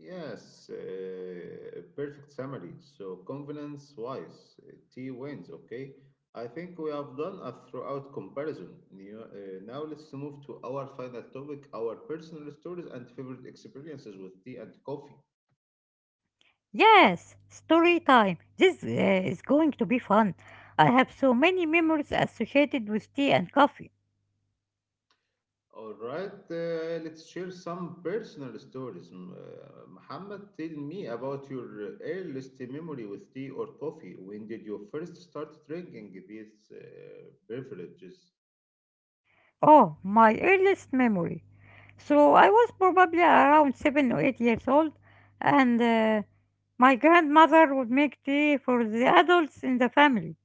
Speaker 1: Yes, perfect summary. So confidence wise, T wins, okay? I think we have done a throughout comparison. You know, now let's move to our final topic, our personal stories and favorite experiences with tea and coffee.
Speaker 2: Yes, story time. This is going to be fun. I have so many memories associated with tea and coffee.
Speaker 1: All right, let's share some personal stories. Muhammad, tell me about your earliest memory with tea or coffee. When did you first start drinking these beverages?
Speaker 2: Oh, my earliest memory. So I was probably around 7 or 8 years old, and my grandmother would make tea for the adults in the family.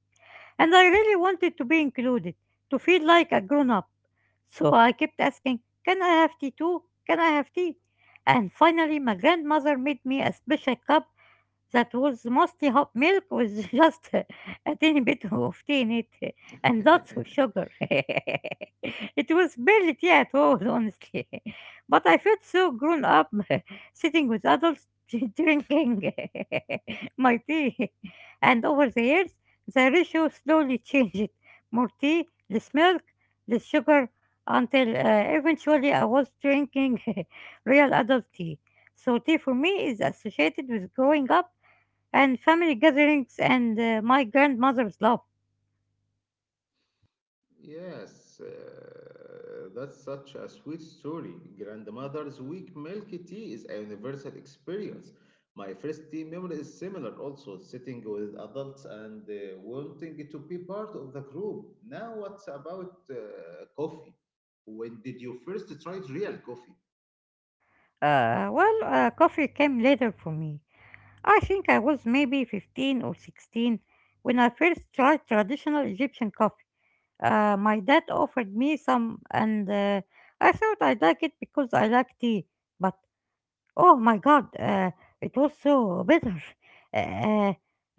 Speaker 2: And I really wanted to be included, to feel like a grown up. So I kept asking, "Can I have tea too? Can I have tea?" And finally, my grandmother made me a special cup that was mostly hot milk with just a tiny bit of tea in it and lots of sugar. It was barely tea at all, honestly. But I felt so grown up sitting with adults drinking my tea. And over the years, the ratio slowly changed. More tea, less milk, less sugar, until eventually I was drinking real adult tea. So tea for me is associated with growing up and family gatherings and my grandmother's love.
Speaker 1: Yes, that's such a sweet story. Grandmother's weak milk tea is a universal experience. My first tea memory is similar, also sitting with adults and wanting to be part of the group. Now, what's about coffee? When did you first try real coffee?
Speaker 2: Well, coffee came later for me. I think I was maybe 15 or 16 when I first tried traditional Egyptian coffee. My dad offered me some, and I thought I liked it because I like tea, but oh my God, it was so bitter. Uh, uh,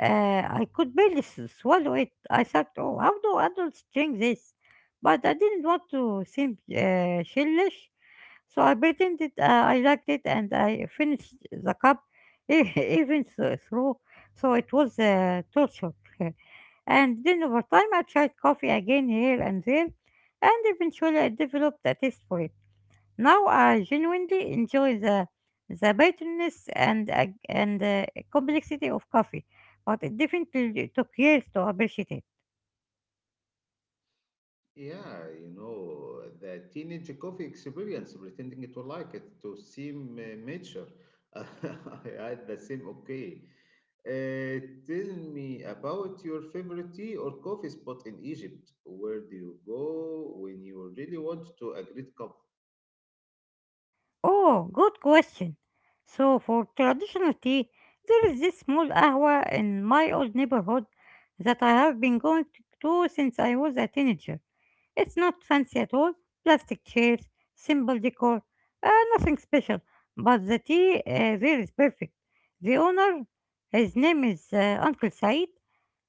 Speaker 2: uh, I could barely swallow it. I thought, oh, how do adults drink this? But I didn't want to seem childish, so I pretended I liked it and I finished the cup e- even through, so it was torture. And then over time, I tried coffee again here and there, and eventually I developed a taste for it. Now I genuinely enjoy the bitterness and complexity of coffee, but it definitely took years to appreciate it.
Speaker 1: Yeah, you know, the teenage coffee experience, pretending to like it, to seem mature. I had the same, okay. Tell me about your favorite tea or coffee spot in Egypt. Where do you go when you really want to a great cup?
Speaker 2: Oh, good question. So for traditional tea, there is this small ahwa in my old neighborhood that I have been going to since I was a teenager. It's not fancy at all. Plastic chairs, simple decor, uh, nothing special. But the tea there is perfect. The owner, his name is Uncle Said,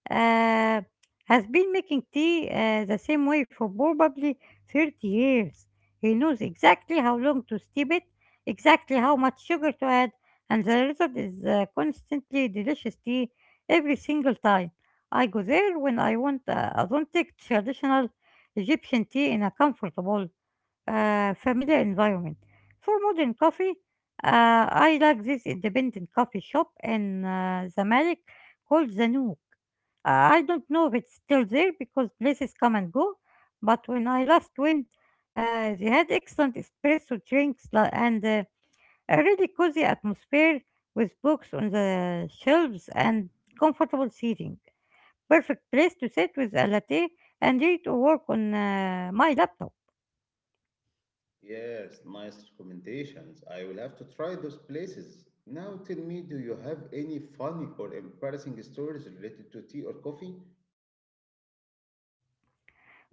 Speaker 2: uh, has been making tea the same way for probably 30 years. He knows exactly how long to steep it, exactly how much sugar to add, and the result is constantly delicious tea every single time. I go there when I want authentic traditional Egyptian tea in a comfortable familiar environment. For modern coffee, I like this independent coffee shop in Zamalek called The Nook. Uh, I don't know if it's still there because places come and go, but when I last went, they had excellent espresso drinks and a really cozy atmosphere with books on the shelves and comfortable seating. Perfect place to sit with a latte and read or work on my laptop.
Speaker 1: Yes, nice recommendations. I will have to try those places. Now tell me, do you have any funny or embarrassing stories related to tea or coffee?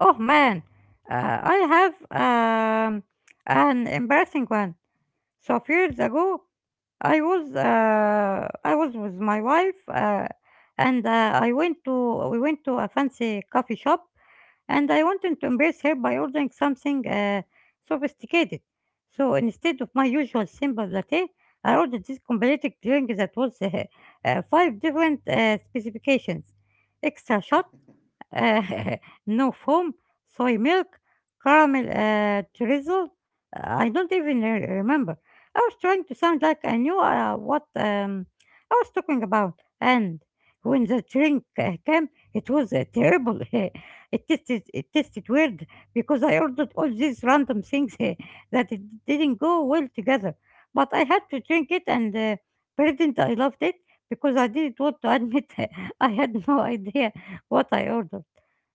Speaker 2: Oh man, I have an embarrassing one. So few years ago, I was with my wife, and I went to we went to a fancy coffee shop, and I wanted to embarrass her by ordering something sophisticated. So instead of my usual simple latte, I ordered this completed drink that was five different specifications: extra shot, uh, no foam, soy milk, caramel drizzle. I don't even remember. I was trying to sound like I knew what I was talking about. And when the drink came, it was terrible. It tasted weird because I ordered all these random things that it didn't go well together. But I had to drink it and pretend I loved it because I didn't want to admit I had no idea what I ordered.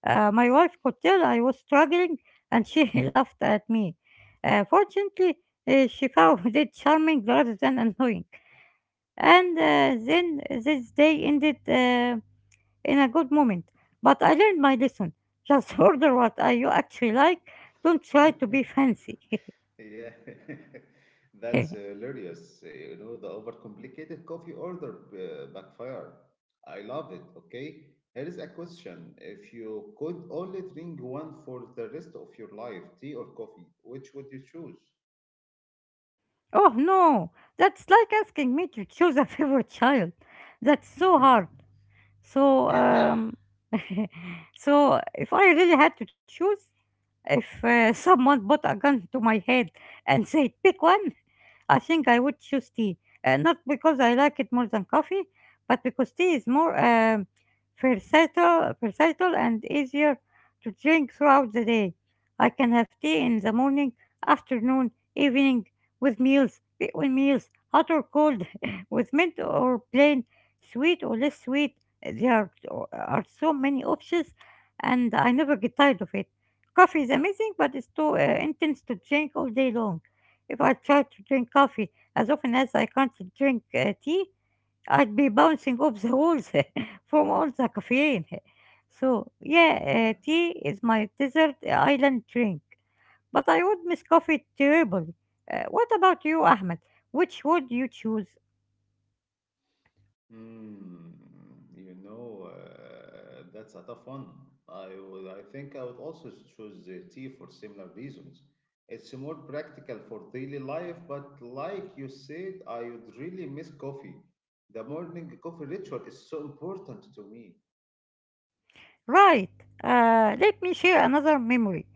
Speaker 2: My wife could tell I was struggling and she laughed at me. Fortunately, she found it charming rather than annoying. And then this day ended in a good moment. But I learned my lesson. Just order what you actually like. Don't try to be fancy.
Speaker 1: Yeah, that's hilarious. You know, the overcomplicated coffee order backfire. I love it. Okay, here is a question: if you could only drink one for the rest of your life, tea or coffee, which would you choose?
Speaker 2: Oh no, that's like asking me to choose a favorite child. That's so hard. So, so if I really had to choose, if someone put a gun to my head and said, pick one, I think I would choose tea. Not because I like it more than coffee, but because tea is more versatile and easier to drink throughout the day. I can have tea in the morning, afternoon, evening, with meals, between meals, hot or cold, with mint or plain, sweet or less sweet. There are so many options, and I never get tired of it. Coffee is amazing, but it's too intense to drink all day long. If I tried to drink coffee as often as I can't drink tea, I'd be bouncing off the walls from all the caffeine. So,
Speaker 1: Yeah.
Speaker 2: yeah, tea is my desert island drink. But I would miss coffee terribly. What about you, Ahmed? Which would you choose?
Speaker 1: Hmm, you know, that's a tough one. I think I would also choose the tea for similar reasons. It's more practical for daily life, but like you said, I would really miss coffee. The morning coffee ritual is so important to me.
Speaker 2: Right, let me share another memory.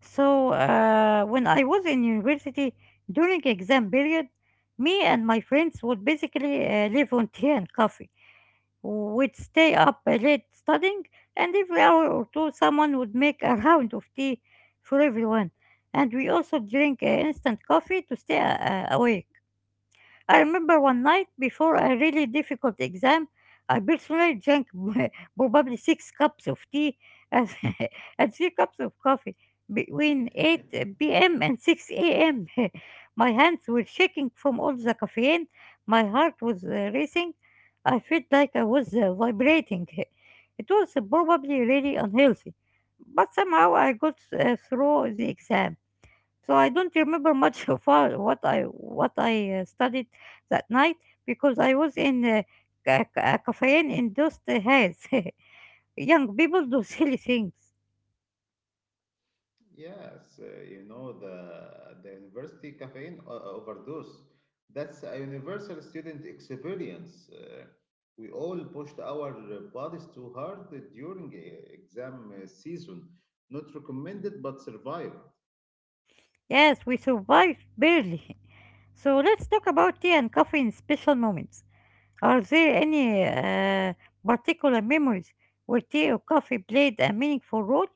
Speaker 2: So, when I was in university during exam period, me and my friends would basically live on tea and coffee. We'd stay up late studying, and every hour or two, someone would make a round of tea for everyone. And we also drink instant coffee to stay awake. I remember one night before a really difficult exam, I personally drank probably six cups of tea and, and three cups of coffee between 8 p.m. and 6 a.m. My hands were shaking from all the caffeine, my heart was racing, I felt like I was vibrating. It was probably really unhealthy, but somehow I got through the exam. So I don't remember much of what I studied that night because I was in ca- ca- caffeine induced haze. Young people do silly things.
Speaker 1: Yes, you know the university caffeine overdose. That's a universal student experience. We all pushed our bodies too hard during exam season. Not recommended, but survive.
Speaker 2: Yes, we survived barely. So let's talk about tea and coffee in special moments. Are there any particular memories where tea or coffee played a meaningful role,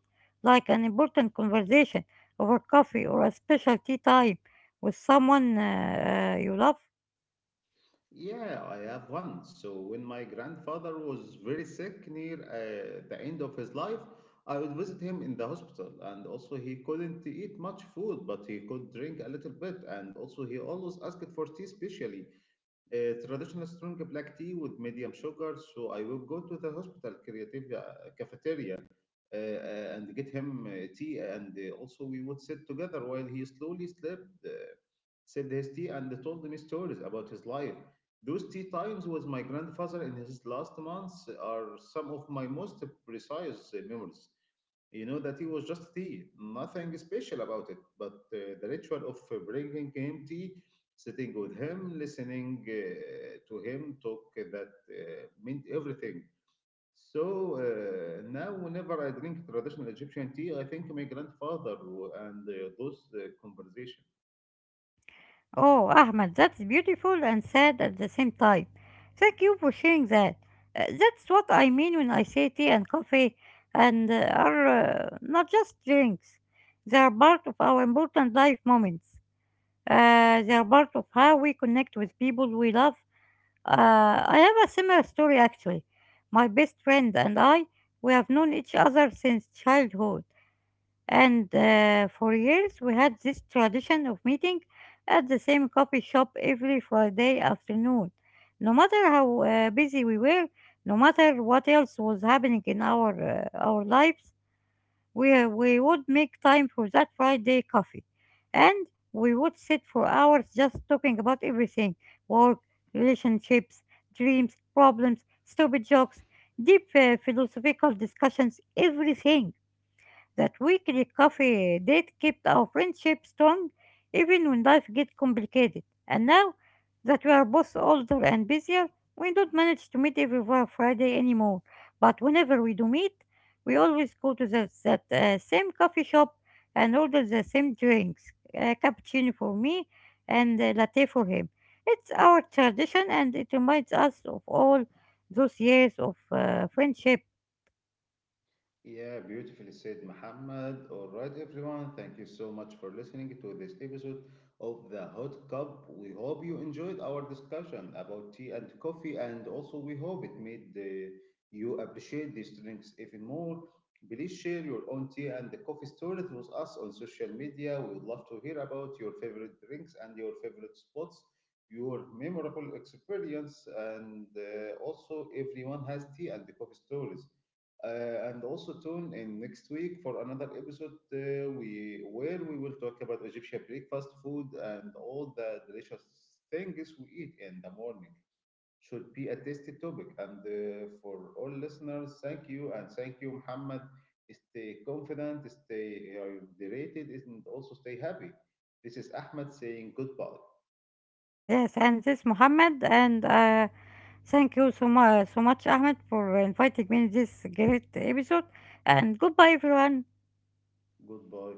Speaker 2: like an important conversation over coffee or a special tea time with someone you love?
Speaker 1: Yeah, I have one. So when my grandfather was very sick near the end of his life, I would visit him in the hospital. And also, he couldn't eat much food, but he could drink a little bit. And also, he always asked for tea, specially. Traditional strong black tea with medium sugar. So I will go to the hospital creative cafeteria and get him tea. And also we would sit together while he slowly slept, sipped his tea, and told me stories about his life. Those tea times with my grandfather in his last months are some of my most precise memories. You know, that tea was just tea, nothing special about it, but the ritual of bringing him tea, sitting with him, listening to him talk, that meant everything. So now whenever I drink traditional Egyptian tea, I think my grandfather and those conversations.
Speaker 2: Oh, Ahmed, that's beautiful and sad at the same time. Thank you for sharing that. That's what I mean when I say tea and coffee and are not just drinks. They are part of our important life moments. They are part of how we connect with people we love. I have a similar story actually. My best friend and I, we have known each other since childhood. And for years, we had this tradition of meeting at the same coffee shop every Friday afternoon. No matter how busy we were, no matter what else was happening in our lives, we would make time for that Friday coffee, and we would sit for hours just talking about everything: work, relationships, dreams, problems, stupid jokes, deep philosophical discussions, everything. That weekly coffee date kept our friendship strong even when life gets complicated. And now that we are both older and busier, we don't manage to meet every Friday anymore. But whenever we do meet, we always go to that same coffee shop and order the same drinks, cappuccino for me and latte for him. It's our tradition and it reminds us of all those years of friendship.
Speaker 1: Yeah, beautifully said, Muhammad. All right, everyone. Thank you so much for listening to this episode of the Hot Cup. We hope you enjoyed our discussion about tea and coffee, and also we hope it made you appreciate these drinks even more. Please share your own tea and the coffee stories with us on social media. We would love to hear about your favorite drinks and your favorite spots, your memorable experience, and also everyone has tea and the coffee stories. And also tune in next week for another episode we where we will talk about Egyptian breakfast food and all the delicious things we eat in the morning. Should be a tasty topic. And for all listeners, thank you, and thank you, Muhammad. Stay confident, stay hydrated, and also stay happy. This is Ahmed saying goodbye.
Speaker 2: Yes, and this Mohammed, and thank you so much, so much, Ahmed, for inviting me in this great episode. And goodbye, everyone.
Speaker 1: Goodbye.